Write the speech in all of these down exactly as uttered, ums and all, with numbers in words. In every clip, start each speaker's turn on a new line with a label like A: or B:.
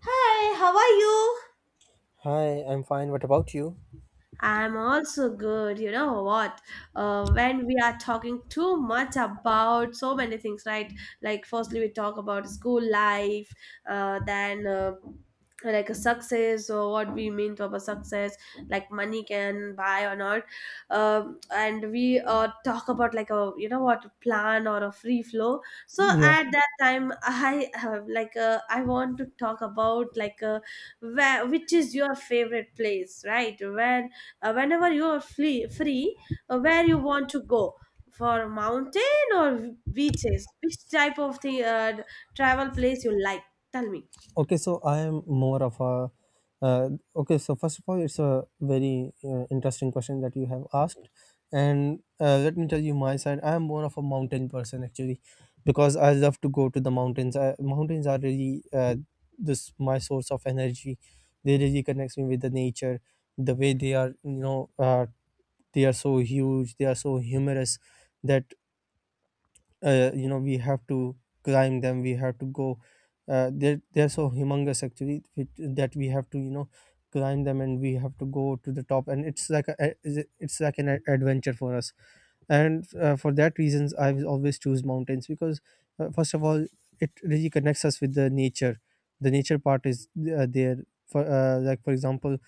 A: Hi, how are you?
B: Hi, I'm fine. What about you?
A: I'm also good. You know what? Uh, when we are talking too much about so many things, right? Like, firstly, we talk about school life, uh, then uh, like a success or what we mean to about success, like money can buy or not. Um, and we uh, talk about like a, you know what, plan or a free flow. So
B: Yeah.
A: at that time, I have like, uh, I want to talk about like a where which is your favorite place, right? Where uh, whenever you are free, free uh, where you want to go, for mountain or beaches, which type of the uh, travel place you like, tell me.
B: Okay. So I am more of a. Uh, okay. So first of all, it's a very uh, interesting question that you have asked, and uh, let me tell you my side. I am more of a mountain person actually, because I love to go to the mountains. I, mountains are really uh, this my source of energy. They really connects me with the nature. The way they are, you know, uh, they are so huge. They are so humorous that uh, you know we have to climb them, we have to go, uh, they're, they're so humongous actually which, that we have to you know climb them, and we have to go to the top, and it's like a, a- it's like an a- adventure for us. And uh, for that reasons I will always choose mountains because uh, first of all it really connects us with the nature. The nature part is uh, there for, uh, like for example,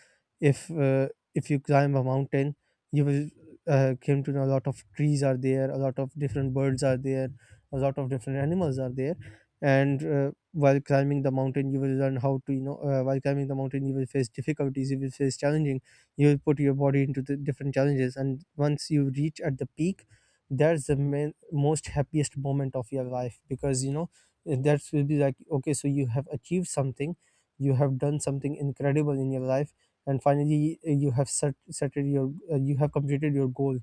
B: if uh, if you climb a mountain you will uh, came to know a lot of trees are there, a lot of different birds are there, a lot of different animals are there. And uh, while climbing the mountain you will learn how to, you know, uh, while climbing the mountain you will face difficulties, you will face challenging, you will put your body into the different challenges, and once you reach at the peak, that's the main, most happiest moment of your life, because you know eh, that will be like okay, so you have achieved something, you have done something incredible in your life, and finally uh, you have set, set your uh, you have completed your goal.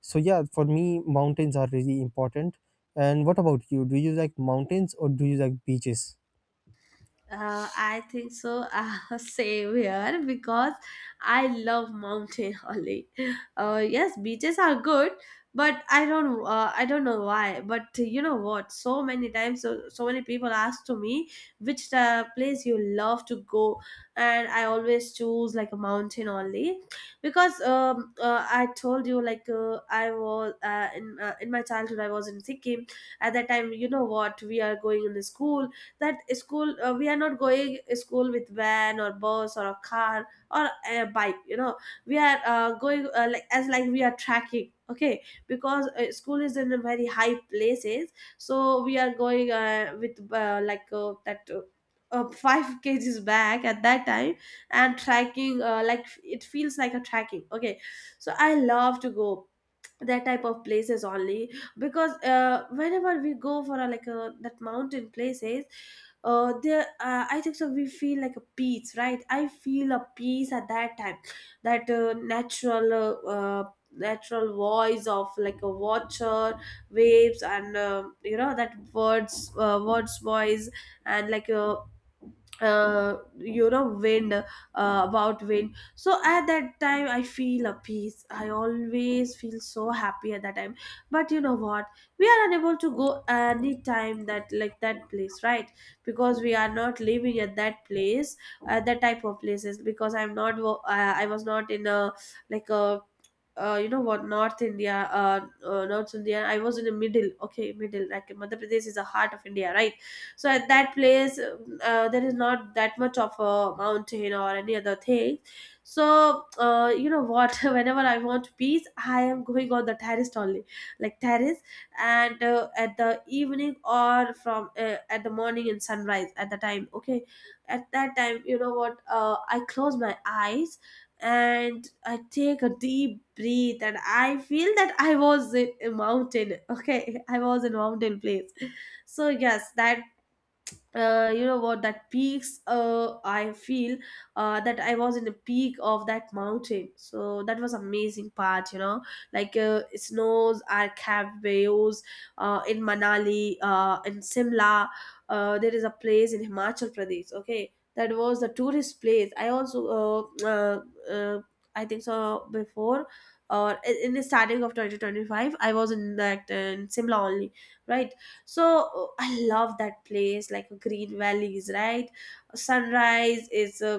B: So yeah, for me mountains are really important. And what about you, do you like mountains or do you like beaches?
A: Uh, I think so. Uh, same here because I love mountain only. Uh, yes, beaches are good, but I don't. Uh, I don't know why. But uh, you know what? So many times, so, so many people ask to me which uh, place you love to go, and I always choose like a mountain only because um, uh, I told you like uh, I was uh, in uh, in my childhood I was in Sikkim. At that time, you know what? We are going in the school, that school uh, we are not going school with van or bus or a car or a bike, you know we are uh, going uh, like as like we are tracking, okay? Because uh, school is in a very high places, so we are going uh, with uh, like uh, that uh, uh, five kgs back at that time and tracking uh, like it feels like a tracking, okay? So I love to go that type of places only because uh, whenever we go for a, like a, that mountain places, uh, there uh, I think so we feel like a peace, right? I feel a peace at that time, that uh, natural uh, uh, natural voice of like a watcher waves and uh, you know that words uh, words voice and like a uh, you know wind uh, about wind. So at that time I feel a peace, I always feel so happy at that time. But you know what? We are unable to go any time that, like that place, right? Because we are not living at that place, at that type of places because I'm not wo- uh, I was not in a like a uh, you know what north India, uh, uh north India. I was in the middle, okay? Middle, like Madhya Pradesh is the heart of India, right? So at that place uh, uh, there is not that much of a mountain or any other thing. So uh, you know what, whenever I want peace, I am going on the terrace only, like terrace. And uh, at the evening or from uh, at the morning in sunrise at the time, okay? At that time, you know what, uh, I close my eyes and I take a deep breath and I feel that I was in a mountain, okay? I was in a mountain place. So yes, that uh, you know what, that peaks uh, I feel uh, that I was in the peak of that mountain, so that was amazing part, you know. Like uh, snows are caves uh, in Manali, uh, in Simla, uh, there is a place in Himachal Pradesh, okay? That was the tourist place. I also uh, uh, uh, I think so, before or in in the starting of twenty twenty-five I was in that uh, in Simla only, right? So uh, I love that place like uh, green valleys, right? Sunrise is uh,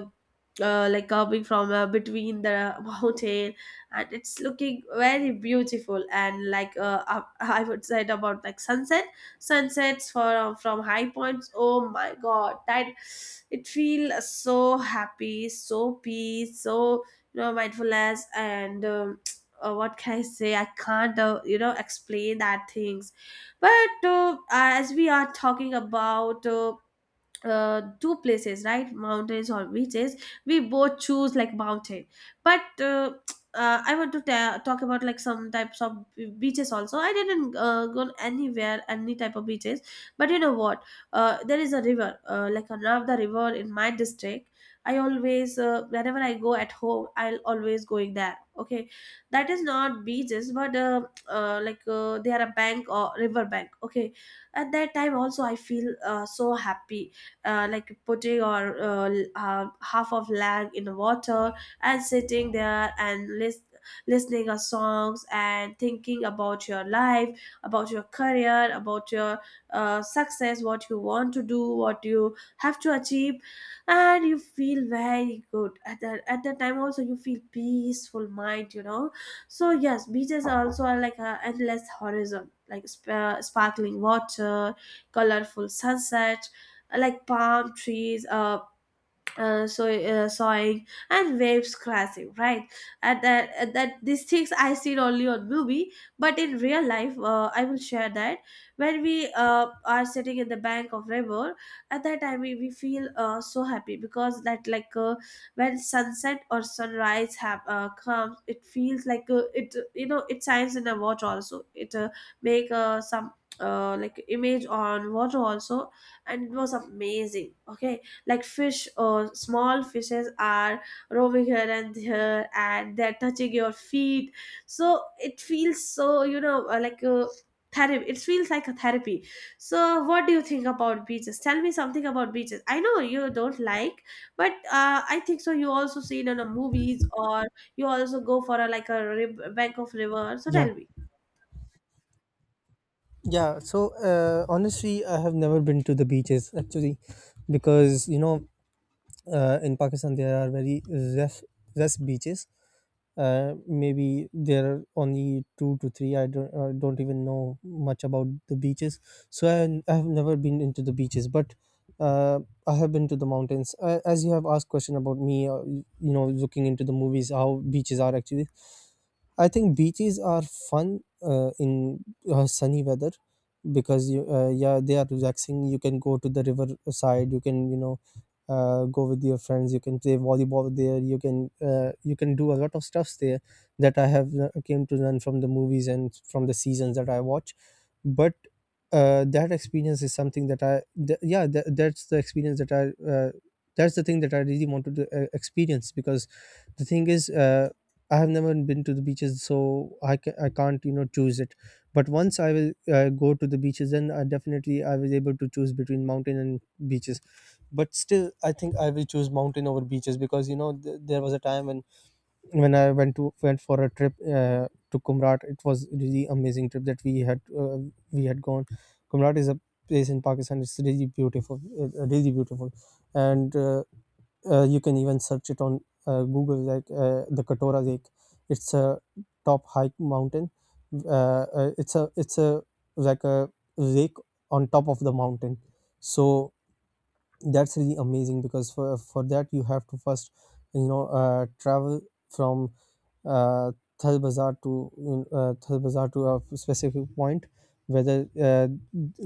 A: uh, like coming from uh, between the mountain, and it's looking very beautiful. And like uh, up- I would say it about like sunset, sunsets for uh, from high points, oh my god, that it feels so happy, so peace, so, you know, mindfulness. And um, uh, what can I say, I can't uh, you know explain that things. But uh, as we are talking about uh, uh, two places, right? Mountains or beaches, we both choose like mountain. But uh, uh, I want to ta- talk about like some types of beaches also. I didn't uh, go anywhere any type of beaches. But you know what, uh, there is a river uh, like a Narmada river in my district. I always, uh, whenever I go at home, I'll always going there, okay? That is not beaches, but uh, uh, like uh, they are a bank or river bank, okay? At that time also I feel uh, so happy, uh, like putting or uh, uh, half of leg in water and sitting there and list, listening a songs and thinking about your life, about your career, about your uh, success, what you want to do, what you have to achieve. And you feel very good at that, at that time also you feel peaceful mind, you know. So yes, beaches are also are like a endless horizon, like sp- uh, sparkling water, colorful sunset, like palm trees uh uh, so uh, sawing and waves crashing, right? And that, and that, these things I seen only on movie. But in real life, uh, I will share that, when we uh, are sitting in the bank of river, at that time we, we feel uh, so happy because that, like uh, when sunset or sunrise have uh, comes, it feels like uh, it, you know, it shines in a watch also, it uh, make uh, some uh, like image on water also, and it was amazing, okay? Like fish or small fishes are roaming here and there and they're touching your feet. So it feels so, you know, uh, like a therapy, it feels like a therapy. So what do you think about beaches? Tell me something about beaches. I know you don't like, but uh, I think so you also see it on the movies, or you also go for a, like a, rib- bank of river. So
B: Yeah.
A: tell me.
B: Yeah, so uh, honestly, I have never been to the beaches actually, because you know uh, in Pakistan there are very rough, rough beaches. Uh, maybe there are only two to three. I don't I don't even know much about the beaches, so I, I have never been into the beaches, but uh, I have been to the mountains. Uh, as you have asked question about me, uh, you know, looking into the movies, how beaches are actually. I think beaches are fun uh, in uh, sunny weather because you uh, yeah they are relaxing. You can go to the river side. You can you know uh, go with your friends, you can play volleyball there, you can uh, you can do a lot of stuffs there that I have uh, came to learn from the movies and from the seasons that I watch. But uh, that experience is something that i th- yeah that, that's the experience that I uh, that's the thing that I really wanted to uh, experience, because the thing is, uh, I have never been to the beaches, so i, ca- I can't you know choose it. But once I will uh, go to the beaches, then I definitely I was able to choose between mountain and beaches. But still I think I will choose mountain over beaches, because you know th- there was a time when when I went to went for a trip uh, to Kumrat. It was really amazing trip that we had. Uh, we had gone, Kumrat is a place in Pakistan, it's really beautiful, uh, uh, really beautiful. And uh, uh, you can even search it on uh, Google, like uh, the Katora Lake. It's a top hike mountain. Uh, uh, it's a it's a like a lake on top of the mountain. So that's really amazing, because for for that you have to first you know uh, travel from uh, Thal Bazaar to mm, uh, Thal Bazaar to a specific point, whether uh,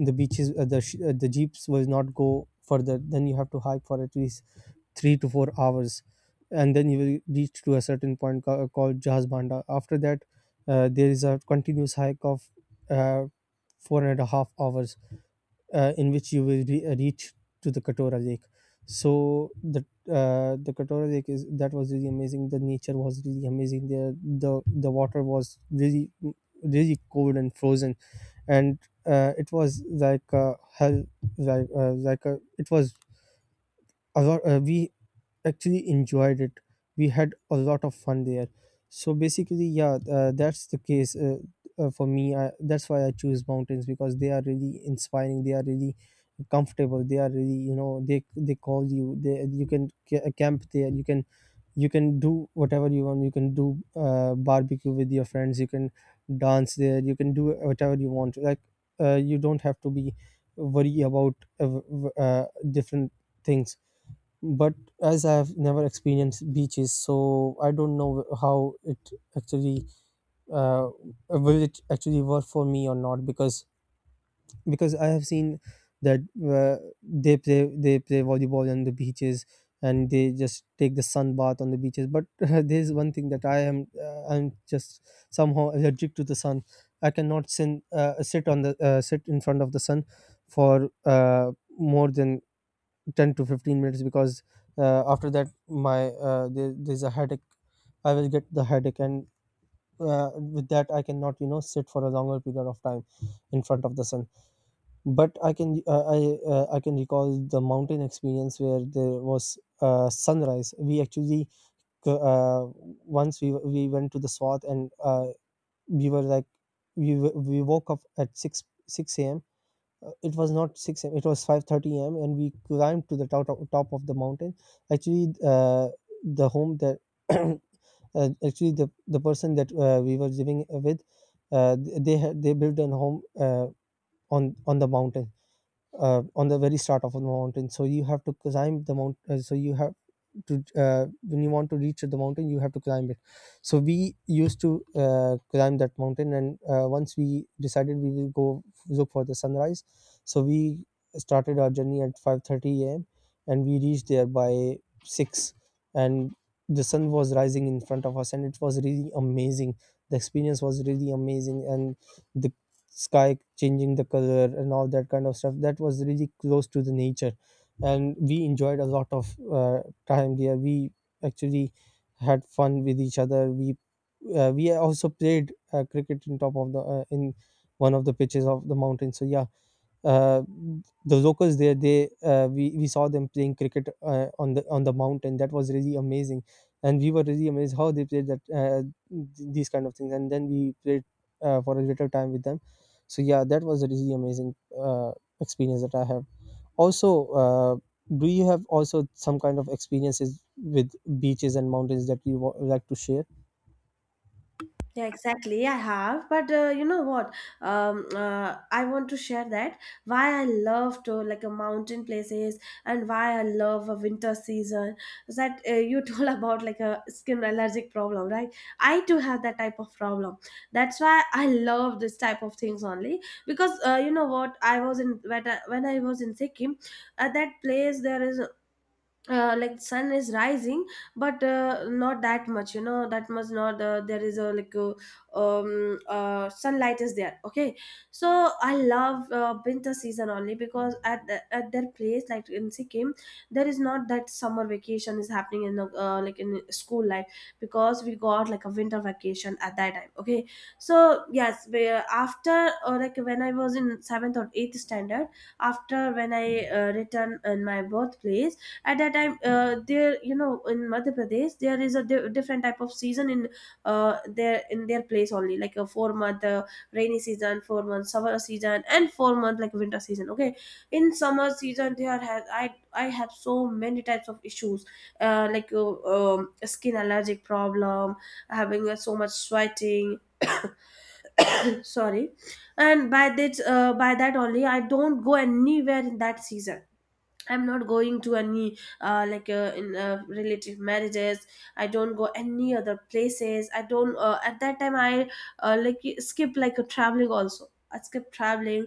B: the beaches uh, the sh- uh, the jeeps will not go further. Then you have to hike for at least three to four hours, and then you will reach to a certain point ca- called Jahaz Banda. After that uh, there is a continuous hike of uh, four and a half hours, uh, in which you will re- uh, reach to the Katora Lake. So the, uh, the Katora Lake, is that was really amazing. The nature was really amazing. There the the water was really really cold and frozen, and uh, it was like uh, hell, like uh, like uh, it was. A lot- Uh, we actually enjoyed it. We had a lot of fun there. So basically, yeah, uh, that's the case, uh, uh, for me. I, that's why I choose mountains, because they are really inspiring. They are really comfortable. They are really, you know, they they call you. They You can ca- uh, camp there. You can you can do whatever you want. You can do uh, barbecue with your friends. You can dance there. You can do whatever you want. Like uh, you don't have to be worry about uh, w- w- uh, different things. But as I have never experienced beaches, so I don't know how it actually uh, will it actually work for me or not, because because I have seen that uh, they play they play volleyball on the beaches, and they just take the sun bath on the beaches. But there's one thing that I am uh, I'm just somehow allergic to the sun. I cannot sin, uh, sit on the uh, sit in front of the sun for uh, more than ten to fifteen minutes, because uh, after that my uh, there, there's a headache, I will get the headache. And uh, with that I cannot you know sit for a longer period of time in front of the sun. But i can uh, i uh, I can recall the mountain experience where there was uh, sunrise. We actually uh, once we we went to the Swath, and uh, we were like we w- we woke up at 6 6 a.m. Uh, it was not six a m, it was five thirty a m, and we climbed to the top, top of the mountain. Actually uh, the home that uh, actually the the person that uh, we were living with, uh, they had they built a home uh, on on the mountain, uh, on the very start of the mountain. So you have to climb the mountain. Uh, so you have to uh, when you want to reach the mountain you have to climb it. So we used to uh, climb that mountain, and uh, once we decided we will go look for the sunrise. So we started our journey at five thirty a m, and we reached there by six, and the sun was rising in front of us, and it was really amazing. The experience was really amazing, and the sky changing the color and all that kind of stuff, that was really close to the nature. And we enjoyed a lot of uh, time there. We actually had fun with each other. We uh, we also played uh, cricket in top of the uh, in one of the pitches of the mountain. So yeah, uh, the locals there, they uh, we, we saw them playing cricket uh, on the on the mountain. That was really amazing, and we were really amazed how they played that, uh, th- these kind of things. And then we played uh, for a little time with them. So yeah, that was a really amazing uh, experience that I have. Also uh, do you have also some kind of experiences with beaches and mountains that you wa- like to share?
A: Yeah, exactly. Yeah, I have, but uh, you know what? Um, uh, I want to share that why I love to like a mountain places and why I love a winter season. Is that uh, you told about like a skin allergic problem, right? I too have that type of problem. That's why I love this type of things only, because uh, you know what, I was in when I, when I was in Sikkim, at that place there is uh, like sun is rising, but uh, not that much, you know that much, not uh, there is a like a, um uh, sunlight is there, okay? So I love uh, winter season only because at the, at their place like in Sikkim there is not that summer vacation is happening in the, uh, like in school life, because we got like a winter vacation at that time, okay? So yes we, after, or like when I was in seventh or eighth standard, after when I uh, returned in my birthplace. At that time uh, there, you know in Madhya Pradesh there is a di- different type of season in uh, their, in their place only, like a four month uh, rainy season, four month summer season, and four month like winter season, okay? In summer season there has i i have so many types of issues, uh, like uh, um, skin allergic problem, having uh, so much sweating. Sorry. And by that, uh, by that only, I don't go anywhere in that season. I'm not going to any uh, like uh, in uh, relative marriages, I don't go any other places. I don't uh, at that time I uh, like skip like a traveling, also I skip traveling.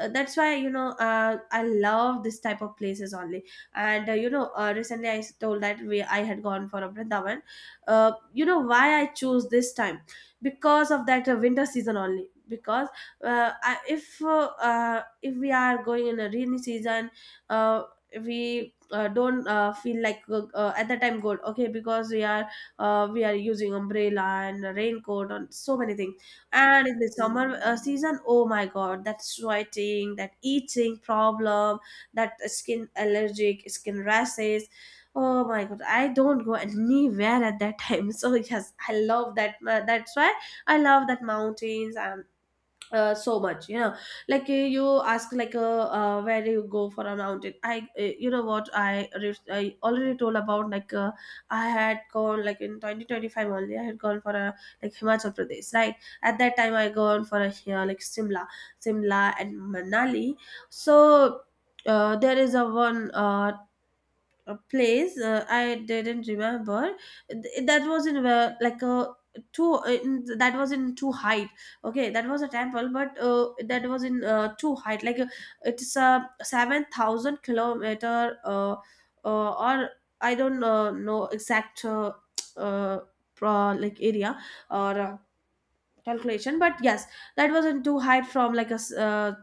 A: uh, That's why, you know, uh, I love this type of places only. And uh, you know uh, recently I told that we I had gone for a Vrindavan. uh, you know why I choose this time? Because of that uh, winter season only, because uh, I, if uh, uh, if we are going in a rainy season, uh, we uh, don't uh, feel like uh, uh, at the time good, okay? Because we are, uh, we are using umbrella and raincoat and so many things. And in the summer uh, season, oh my god, that sweating, that itching problem, that skin allergic, skin rashes, oh my god, I don't go anywhere at that time. So yes, I love that uh, that's why I love that mountains and uh, so much, you know. Like uh, you ask like uh, uh, where do you go for a mountain? I uh, you know what, i re- I already told about like uh, I had gone like in twenty twenty-five only, I had gone for a like Himachal Pradesh, right? At that time I gone for a here like Simla, Simla and Manali. So uh, there is a one uh, A place, uh, I didn't remember. Th- that was in uh, like a two in, that was in two height. Okay, that was a temple, but uh, that was in uh, two height, like uh, it's a seven thousand kilometer uh, uh, or I don't uh, know exact uh, uh, pro, like area or uh, calculation, but yes, that was in two height from like a s- uh,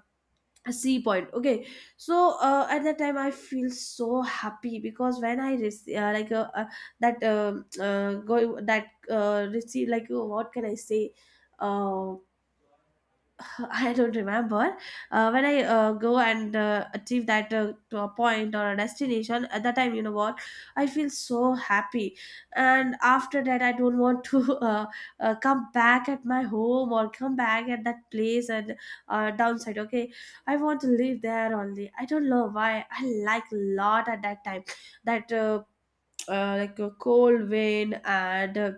A: a C point. Okay, so uh, at that time I feel so happy because when I receive uh, like uh, uh, that um uh, go that uh, receive, like, uh, what can I say? uh, I don't remember. Uh, when I uh, go and uh, achieve that uh, to a point or a destination, at that time, you know what, I feel so happy. And after that, I don't want to uh, uh, come back at my home or come back at that place and uh, downside. Okay, I want to live there only. I don't know why. I like lot at that time. That uh, uh, like a cold wind and uh,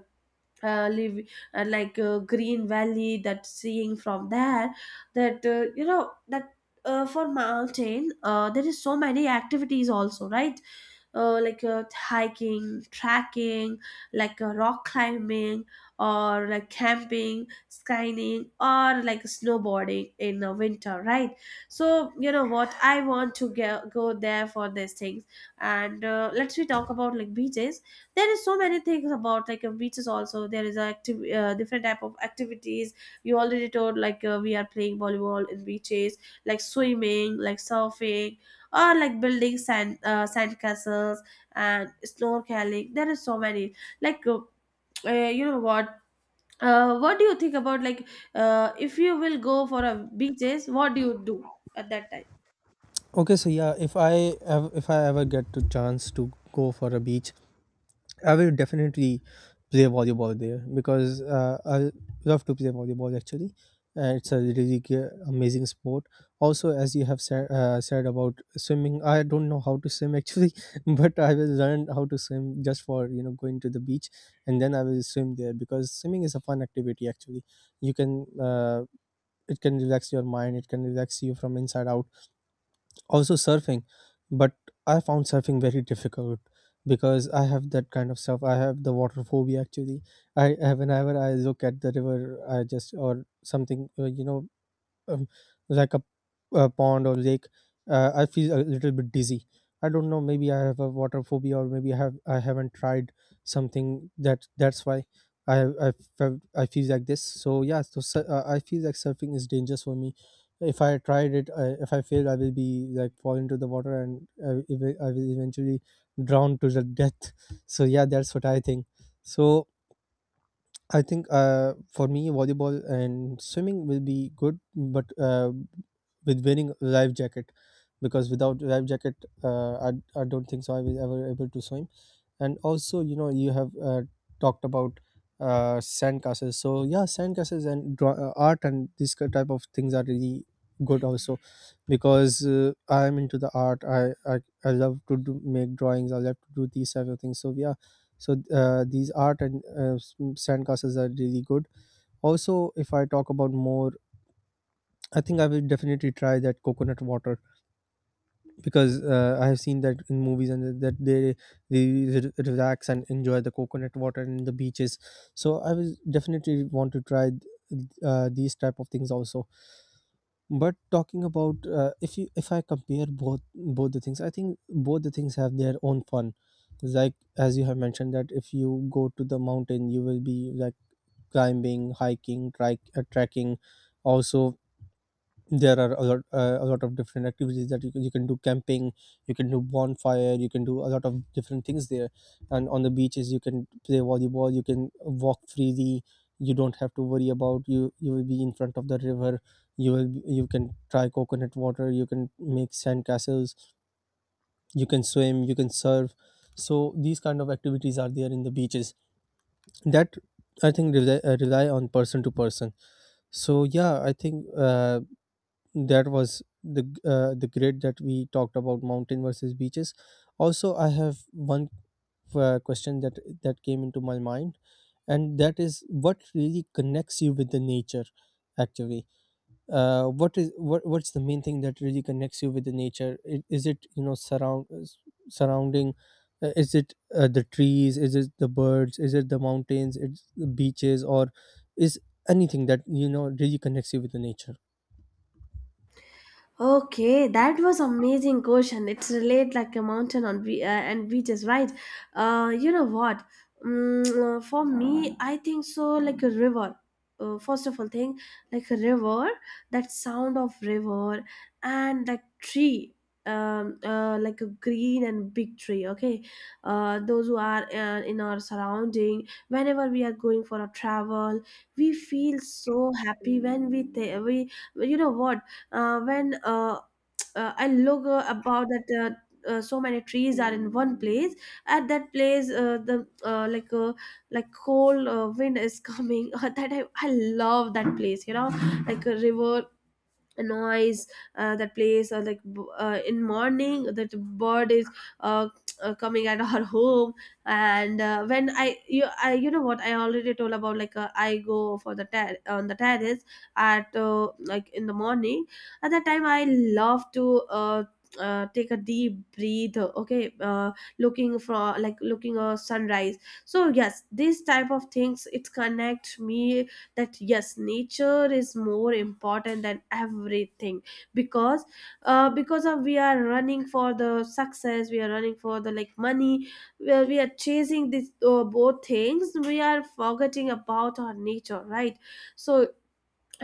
A: uh, live uh, like uh, green valley that seeing from there, that uh, you know that uh, for mountain, uh, there is so many activities also, right? Uh, like uh, hiking, trekking, like, uh, rock climbing, or like camping, skiing, or like snowboarding in the winter, right? So you know what, I want to get, go there for these things. And uh, let's we talk about like beaches. There is so many things about like uh, beaches also. There is a active uh, different type of activities. You already told like uh, we are playing volleyball in beaches, like swimming, like surfing, or like building sand uh, sand castles and snorkeling. There is so many, like, uh, uh, you know what, uh, what do you think about like, uh, if you will go for a beaches, what do you do at that time?
B: Okay, so yeah, if i ev- if I ever get to chance to go for a beach, I will definitely play volleyball there, because uh, I love to play volleyball actually. Uh, it's a really g- amazing sport. Also, as you have said, uh, said about swimming, I don't know how to swim actually, but I will learn how to swim just for you know going to the beach, and then I will swim there because swimming is a fun activity actually. You can uh, it can relax your mind, it can relax you from inside out. Also surfing, but I found surfing very difficult because I have that kind of stuff, I have the water phobia actually. I I- whenever I look at the river, I just or something, uh, you know, um, like a, a pond or lake, uh, I feel a little bit dizzy. I don't know. Maybe I have a water phobia, or maybe I have I haven't tried something, that that's why I I felt I feel like this. So yeah, so sur- uh, I feel like surfing is dangerous for me. If I tried it, I, if I fail, I will be like fall into the water, and I, will- I will eventually drown to the death. So yeah, that's what I think. So I think uh, for me, volleyball and swimming will be good, but uh, with wearing a life jacket, because without life jacket, uh, I, I don't think so I will ever able to swim. And also you know you have uh, talked about uh, sandcastles. So yeah, sandcastles and draw, uh, art and these ki- type of things are really good also, because uh, I am into the art. I, I I love to do, make drawings, I love to do these type of things. So yeah, so uh, these art and uh, s- sandcastles are really good also. If I talk about more, I think I will definitely try that coconut water, because uh, I have seen that in movies and that they really re- relax and enjoy the coconut water and the beaches. So I will definitely want to try uh, these type of things also. But talking about uh, if you if I compare both both the things, I think both the things have their own fun. Like as you have mentioned, that if you go to the mountain, you will be like climbing, hiking, trike, uh, trekking, also there are a lot uh, a lot of different activities that you can, you can do camping, you can do bonfire, you can do a lot of different things there. And on the beaches you can play volleyball, you can walk freely, you don't have to worry about. You you will be in front of the river, you will be- you can try coconut water, you can make sand castles, you can swim, you can surf. So these kind of activities are there in the beaches, that I think rely, uh, rely on person to person. So yeah, I think uh, that was the g- uh, the grid that we talked about, mountain versus beaches. Also I have one uh, question that that came into my mind, and that is, what really connects you with the nature? Actually, uh, what is what what's the main thing that really connects you with the nature? I- is it you know surround s- surrounding? Uh, is it uh, the trees, is it the birds, is it the mountains, it's the beaches, or is anything that you know really connects you with the nature?
A: Okay, that was amazing question. It's relate like a mountain on be- uh, and beaches, right? Uh, you know what? Mm, uh, for me, I think so. Like a river. Uh, first of all, thing, like a river. That sound of river and that tree. Um, uh, like a green and big tree. Okay, uh, those who are uh, in our surrounding, whenever we are going for a travel, we feel so happy when we th- we you know what, uh, when uh, uh, I look uh, about that, uh, uh, so many trees are in one place. At that place, uh, the uh, like uh, like cold uh, wind is coming that I, I love that place, you know, like a river, a noise, uh, that plays or like b- uh, in morning that the bird is uh, uh, coming at our home. And uh, when I you I you know what, I already told about like uh, I go for the ter- on the terrace at uh, like in the morning. At that time I love to uh, uh, take a deep breathe, okay, uh, looking for, like, looking a sunrise. So yes, these type of things, it connects me that yes, nature is more important than everything. Because uh, because of we are running for the success, we are running for the like money, where we are chasing these uh, both things, we are forgetting about our nature, right? So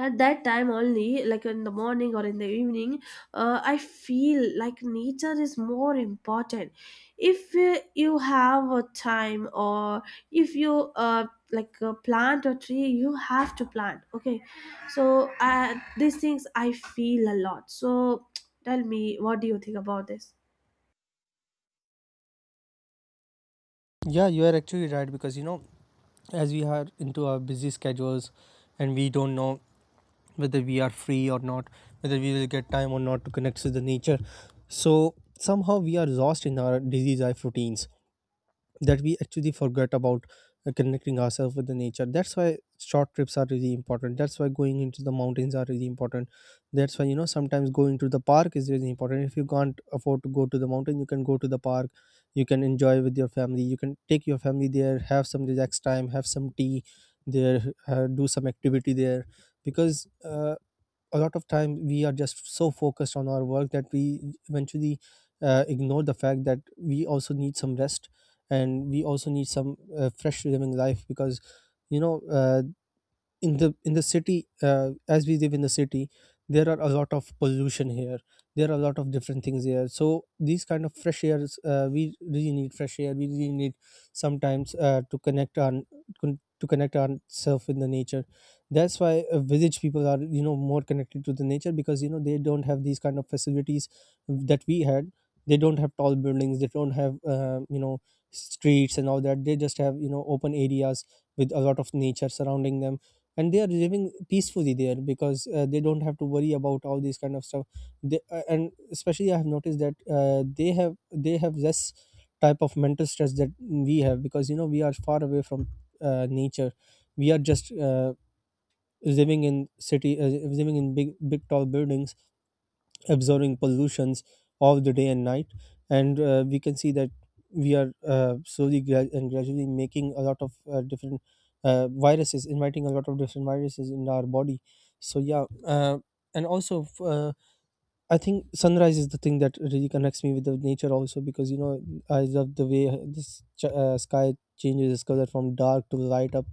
A: at that time only, like in the morning or in the evening, uh, I feel like nature is more important. If uh, you have a time, or if you uh, like uh, plant a tree, you have to plant, okay? So uh, these things I feel a lot. So tell me, what do you think about this?
B: Yeah, you are actually right, because you know, as we are into our busy schedules and we don't know whether we are free or not, whether we will get time or not to connect with the nature. So somehow we are lost in our busy life routines, that we actually forget about uh, connecting ourselves with the nature. That's why short trips are really important, that's why going into the mountains are really important, that's why you know sometimes going to the park is really important. If you can't afford to go to the mountain, you can go to the park, you can enjoy with your family, you can take your family there, have some relaxed time, have some tea there, uh, do some activity there. Because uh, a lot of time we are just so focused on our work that we eventually uh, ignore the fact that we also need some rest, and we also need some uh, fresh living life. Because you know uh, in the in the city, uh, as we live in the city, there are a lot of pollution here, there are a lot of different things here. So these kind of fresh airs, uh, we really need fresh air, we really need sometimes uh, to connect on, con- to connect ourselves with the nature. That's why uh, village people are you know more connected to the nature, because you know they don't have these kind of facilities that we had. They don't have tall buildings, they don't have uh, you know streets and all that, they just have you know open areas with a lot of nature surrounding them. And they are living peacefully there, because uh, they don't have to worry about all these kind of stuff. They, uh, and especially I have noticed that uh, they have they have less type of mental stress that we have, because you know we are far away from uh, nature. We are just uh, living in city, uh, living in big big tall buildings, absorbing pollutions all the day and night. And uh, we can see that we are uh, slowly gra- and gradually making a lot of uh, different uh, viruses, inviting a lot of different viruses in our body. So yeah, uh, and also f- uh, I think sunrise is the thing that really connects me with the nature also, because you know I love the way this ch- uh, sky changes its color from dark to light up,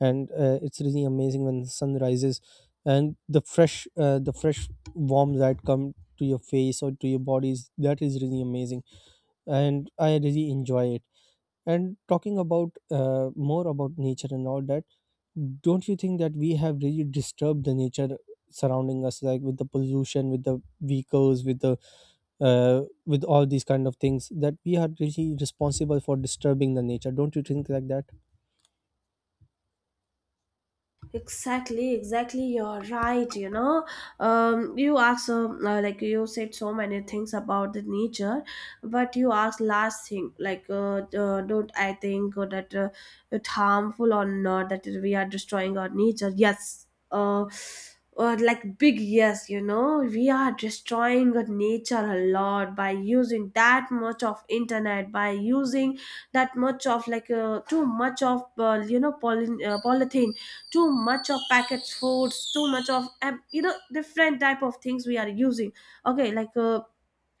B: and uh, it's really amazing when the sun rises, and the fresh uh, the fresh warm light come to your face or to your bodies. That is really amazing, and I really enjoy it. And talking about uh, more about nature and all that, don't you think that we have really disturbed the nature surrounding us, like with the pollution, with the vehicles, with the uh, with all these kind of things, that we are really responsible for disturbing the nature? Don't you think like that?
A: Exactly, exactly. You're right. You know, um, you asked um, uh, like you said so many things about the nature, but you asked last thing like, uh, uh, don't I think uh, that uh, it's harmful or not, that we are destroying our nature? Yes. Uh, uh, like big yes. You know, we are destroying our nature a lot by using that much of internet, by using that much of, like, uh, too much of, uh, you know, poly- uh, polythene, too much of packaged foods, too much of, um, you know, different type of things we are using. Okay, like uh,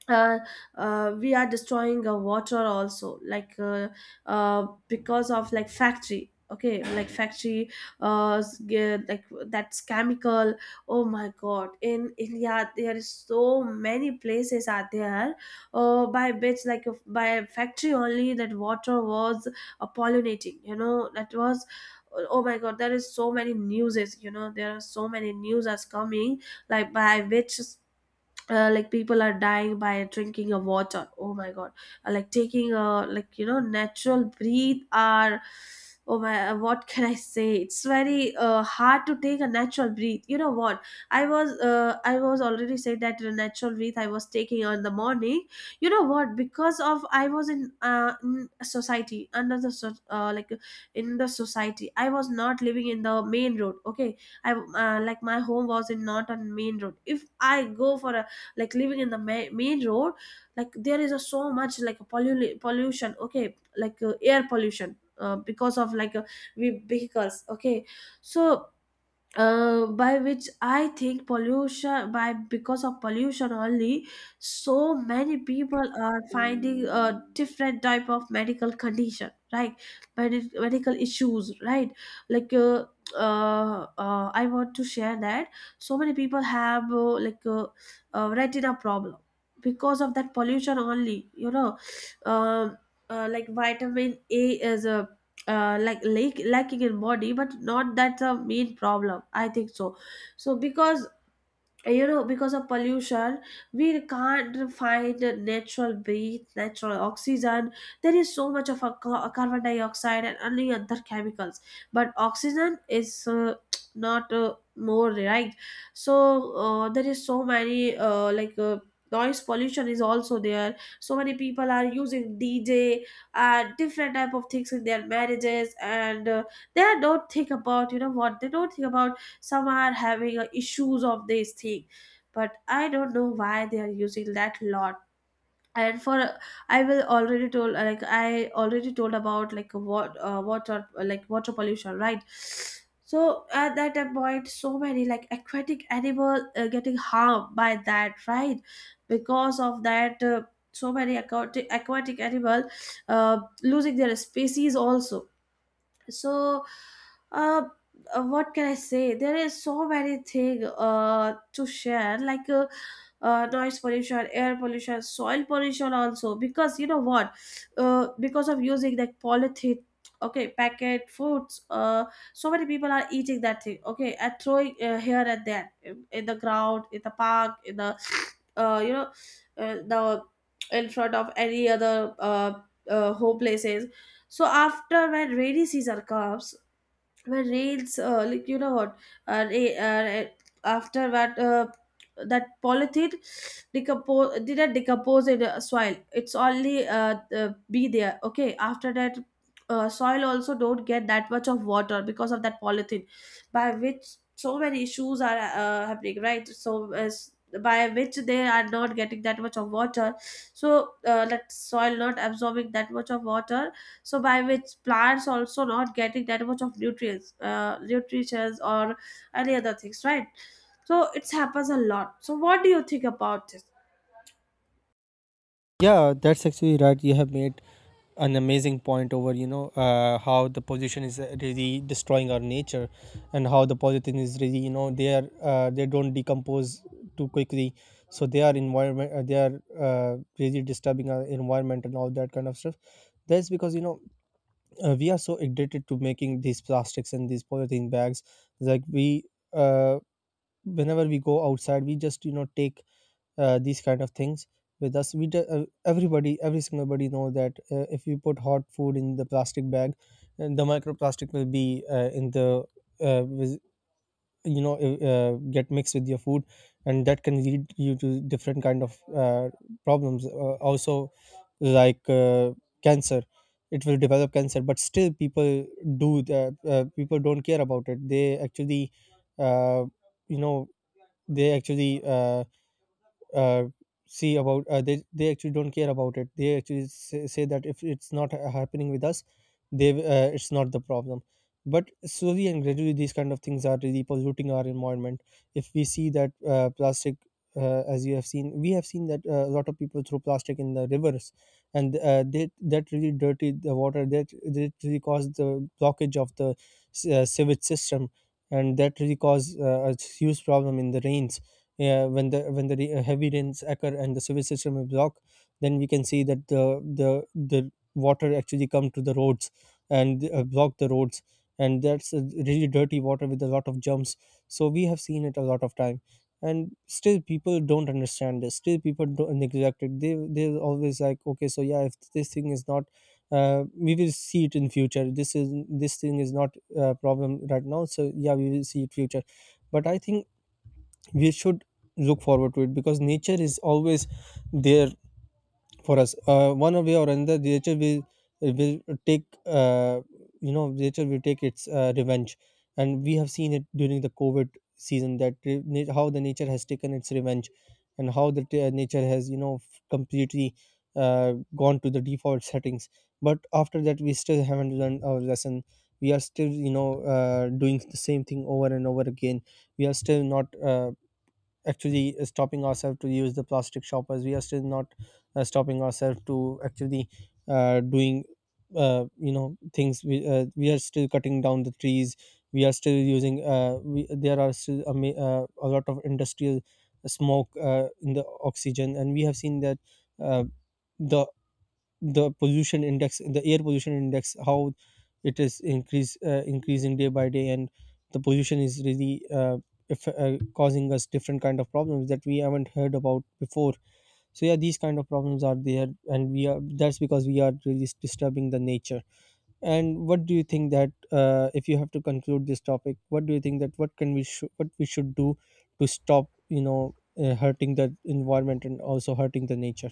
A: uh, uh, we are destroying uh, water also, like, uh, uh, because of like factory. Okay, like factory uh s- ge- like that's chemical. Oh my god, in India there is so many places are there uh by which, like, if- by factory only, that water was uh, pollinating, you know, that was, oh my god, there is so many newses, you know, there are so many news as coming, like by which, uh, like people are dying by drinking a water. Oh my god. Uh, like taking a, like, you know, natural breathe are, oh my, uh, what can I say, it's very uh, hard to take a natural breathe. You know what, i was uh, I was already said that the natural breathe I was taking on the morning. You know what, because of I was in uh in society, under the so- uh, like, in the society I was not living in the main road, okay? I uh, like my home was in not on main road. If I go for a like living in the ma- main road, like there is a so much like a pollu- pollution, okay, like uh, air pollution, uh, because of like uh, we vehicles, okay. So uh, by which I think pollution by because of pollution only, so many people are finding a different type of medical condition, right? Medi- medical issues, right? Like uh, uh, uh, I want to share that so many people have uh, like uh, uh, retina problem because of that pollution only. You know, um, uh, like vitamin A is a uh, like lack, lacking in body, but not that's a main problem I think so. So because, you know, because of pollution, we can't find natural breath, natural oxygen. There is so much of a ca- carbon dioxide and only other chemicals, but oxygen is uh, not uh, more, right? So uh, there is so many, uh, like uh, noise pollution is also there. So many people are using DJ and different type of things in their marriages, and uh, they don't think about, you know what, they don't think about, some are having uh, issues of this thing, but I don't know why they are using that lot. And for uh, I will already told uh, like I already told about like what uh, water uh, like water pollution, right? So at that point, so many like aquatic animal uh, getting harmed by that, right? Because of that, uh, so many aquatic, aquatic animal uh, losing their species also. So uh, uh, what can I say, there is so many thing uh, to share, like, uh, uh, noise pollution, air pollution, soil pollution also. Because you know what, uh, because of using like polythene, okay, packet foods, uh, so many people are eating that thing, okay, and throwing uh, here and there, in, in the ground, in the park, in the, uh, you know uh, the, in front of any other uh, uh, home places. So after, when rainy season comes, where rails, uh, like you know what, uh, ra- uh, after that, uh, that polythene decompose didn't decompose in the soil, it's only uh, uh, be there. Okay, after that, uh, soil also don't get that much of water because of that polythene, by which so many issues are uh, happening, right? So as by which they are not getting that much of water. So uh, that soil not absorbing that much of water, so by which plants also not getting that much of nutrients uh, nutrients or any other things, right? So it happens a lot. So what do you think about this?
B: Yeah, that's actually right. You have made an amazing point over you know uh, how the pollution is really destroying our nature, and how the polythene is really you know they are uh, they don't decompose too quickly, so they are environment uh, they are uh, really disturbing our environment and all that kind of stuff. That's because you know uh, we are so addicted to making these plastics and these polythene bags. Like we uh, Whenever we go outside, we just you know take uh, these kind of things with us. We ju- uh, everybody, every single body know that uh, if you put hot food in the plastic bag, and the microplastic will be uh, in the uh, with, you know uh, uh, get mixed with your food, and that can lead you to different kind of uh, problems uh, also, like uh, cancer. It will develop cancer. But still people do the uh, people don't care about it. They actually uh, you know, they actually uh, uh, see about uh, they they actually don't care about it. They actually say, say that, if it's not ha- happening with us, they uh, it's not the problem. But slowly and gradually these kind of things are really polluting our environment. If we see that uh, plastic, uh, as you have seen, we have seen that uh, a lot of people throw plastic in the rivers. And uh, they, that really dirty the water, that that really caused the blockage of the s- uh, sewage system, and that really caused uh, a huge problem in the rains. Yeah, when the when the re- heavy rains occur and the sewage system is blocked, then we can see that the the the water actually come to the roads and uh, block the roads, and that's a really dirty water with a lot of germs. So we have seen it a lot of time, and still people don't understand this. Still people don't uh, neglect it. They they're always like, okay, so yeah, if this thing is not. Uh, we will see it in future. This is this thing is not a problem right now. So yeah, we will see it future. But I think we should look forward to it, because nature is always there for us. Uh, one way or another, nature will will take uh, you know, nature will take its uh, revenge. And we have seen it during the covid season, that re- na- how the nature has taken its revenge, and how the t- uh, nature has you know f- completely uh, gone to the default settings. But after that we still haven't learned our lesson. We are still you know uh, doing the same thing over and over again. We are still not uh, actually stopping ourselves to use the plastic shoppers. We are still not uh, stopping ourselves to actually uh, doing uh, you know things. We, uh, we are still cutting down the trees, we are still using uh, we, there are still a, ma- uh, a lot of industrial smoke uh, in the oxygen. And we have seen that uh, the the pollution index, the air pollution index, how it is increase uh, increasing day by day. And the pollution is really uh, if, uh, causing us different kind of problems that we haven't heard about before. So yeah, these kind of problems are there, and we are, that's because we are really disturbing the nature. And what do you think, that uh, if you have to conclude this topic, what do you think that what can we sh- what we should do to stop you know uh, hurting the environment and also hurting the nature?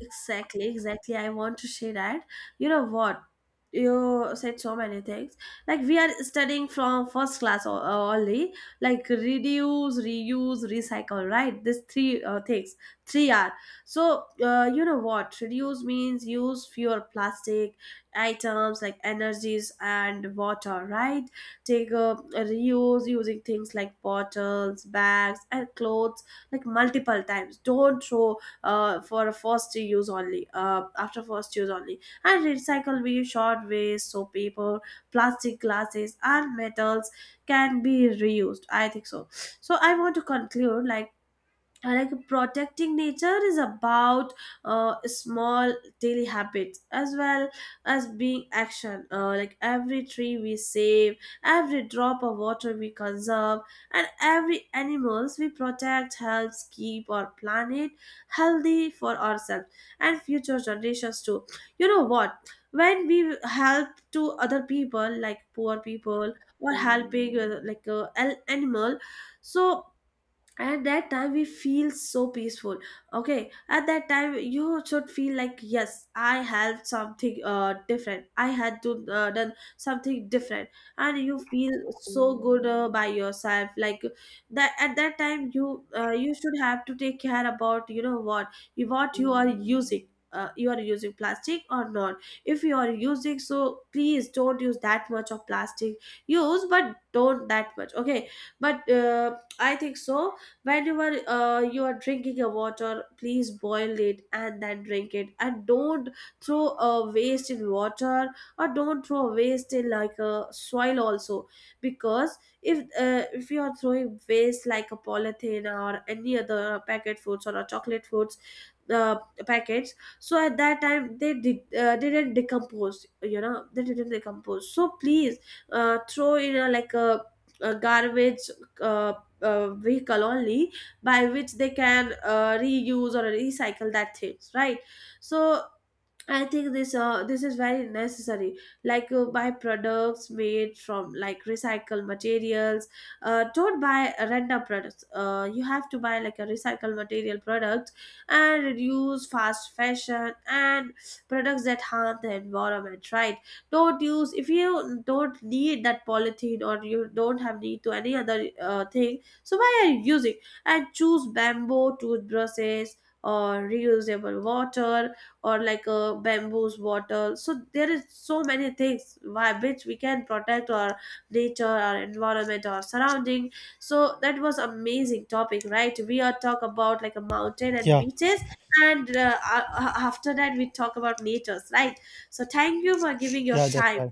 A: Exactly, exactly. I want to say that. You know what? You said so many things. Like, we are studying from first class o- uh, only, like reduce, reuse, recycle, right? These three uh, things, three R. So uh, you know what? Reduce means use fewer plastic items like energies and water, right? Take a reuse using things like bottles, bags, and clothes like multiple times. Don't throw uh, for first use only, uh, after first use only. And recycle be short waste, so paper, plastic, glasses, and metals can be reused, I think so. So I want to conclude like uh, like protecting nature is about uh, small daily habits as well as being action, uh, like every tree we save, every drop of water we conserve, and every animals we protect helps keep our planet healthy for ourselves and future generations too. You know what, when we help to other people, like poor people, or helping uh, like uh, an animal, so, and at that time we feel so peaceful. Okay, at that time you should feel like yes, I have something uh different, I had to uh, done something different, and you feel so good uh, by yourself. Like, that at that time you uh, you should have to take care about, you know what, you what you are using, uh, you are using plastic or not. If you are using, so please don't use that much of plastic. Use, but don't that much, okay? But uh, I think so, whenever uh, you are drinking a water, please boil it and then drink it, and don't throw a waste in water, or don't throw a waste in like a soil also. Because if uh, if you are throwing waste like a polythene or any other packet foods or a chocolate foods, uh, packets, so at that time they did, uh, didn't decompose, you know, they didn't decompose. So please uh, throw in a like a, a garbage uh, uh, vehicle only, by which they can uh, reuse or recycle that things, right? So I think this uh, this is very necessary. Like, uh, buy products made from like recycled materials. Uh, don't buy random products. Uh, you have to buy like a recycled material product, and reduce fast fashion and products that harm the environment. Right? Don't use if you don't need that polythene, or you don't have need to any other uh, thing. So why are you using? And choose bamboo toothbrushes or reusable water, or like a bamboo's bottle. So there is so many things by which we can protect our nature, our environment, our surrounding. So that was amazing topic, right? We are talk about like a mountain and
B: Yeah.
A: beaches, and uh, a- after that we talk about natures, right? So thank you for giving your
B: Yeah, that's
A: time.
B: right.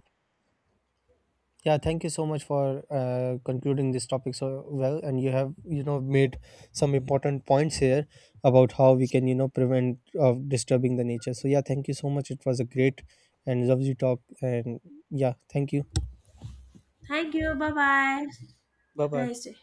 B: Yeah, thank you so much for uh, concluding this topic so well, and you have you know made some important points here about how we can you know prevent of disturbing the nature. So yeah, thank you so much. It was a great and lovely talk, and yeah, thank you.
A: Thank you, bye bye. Have
B: Bye
A: a
B: bye.
A: nice day.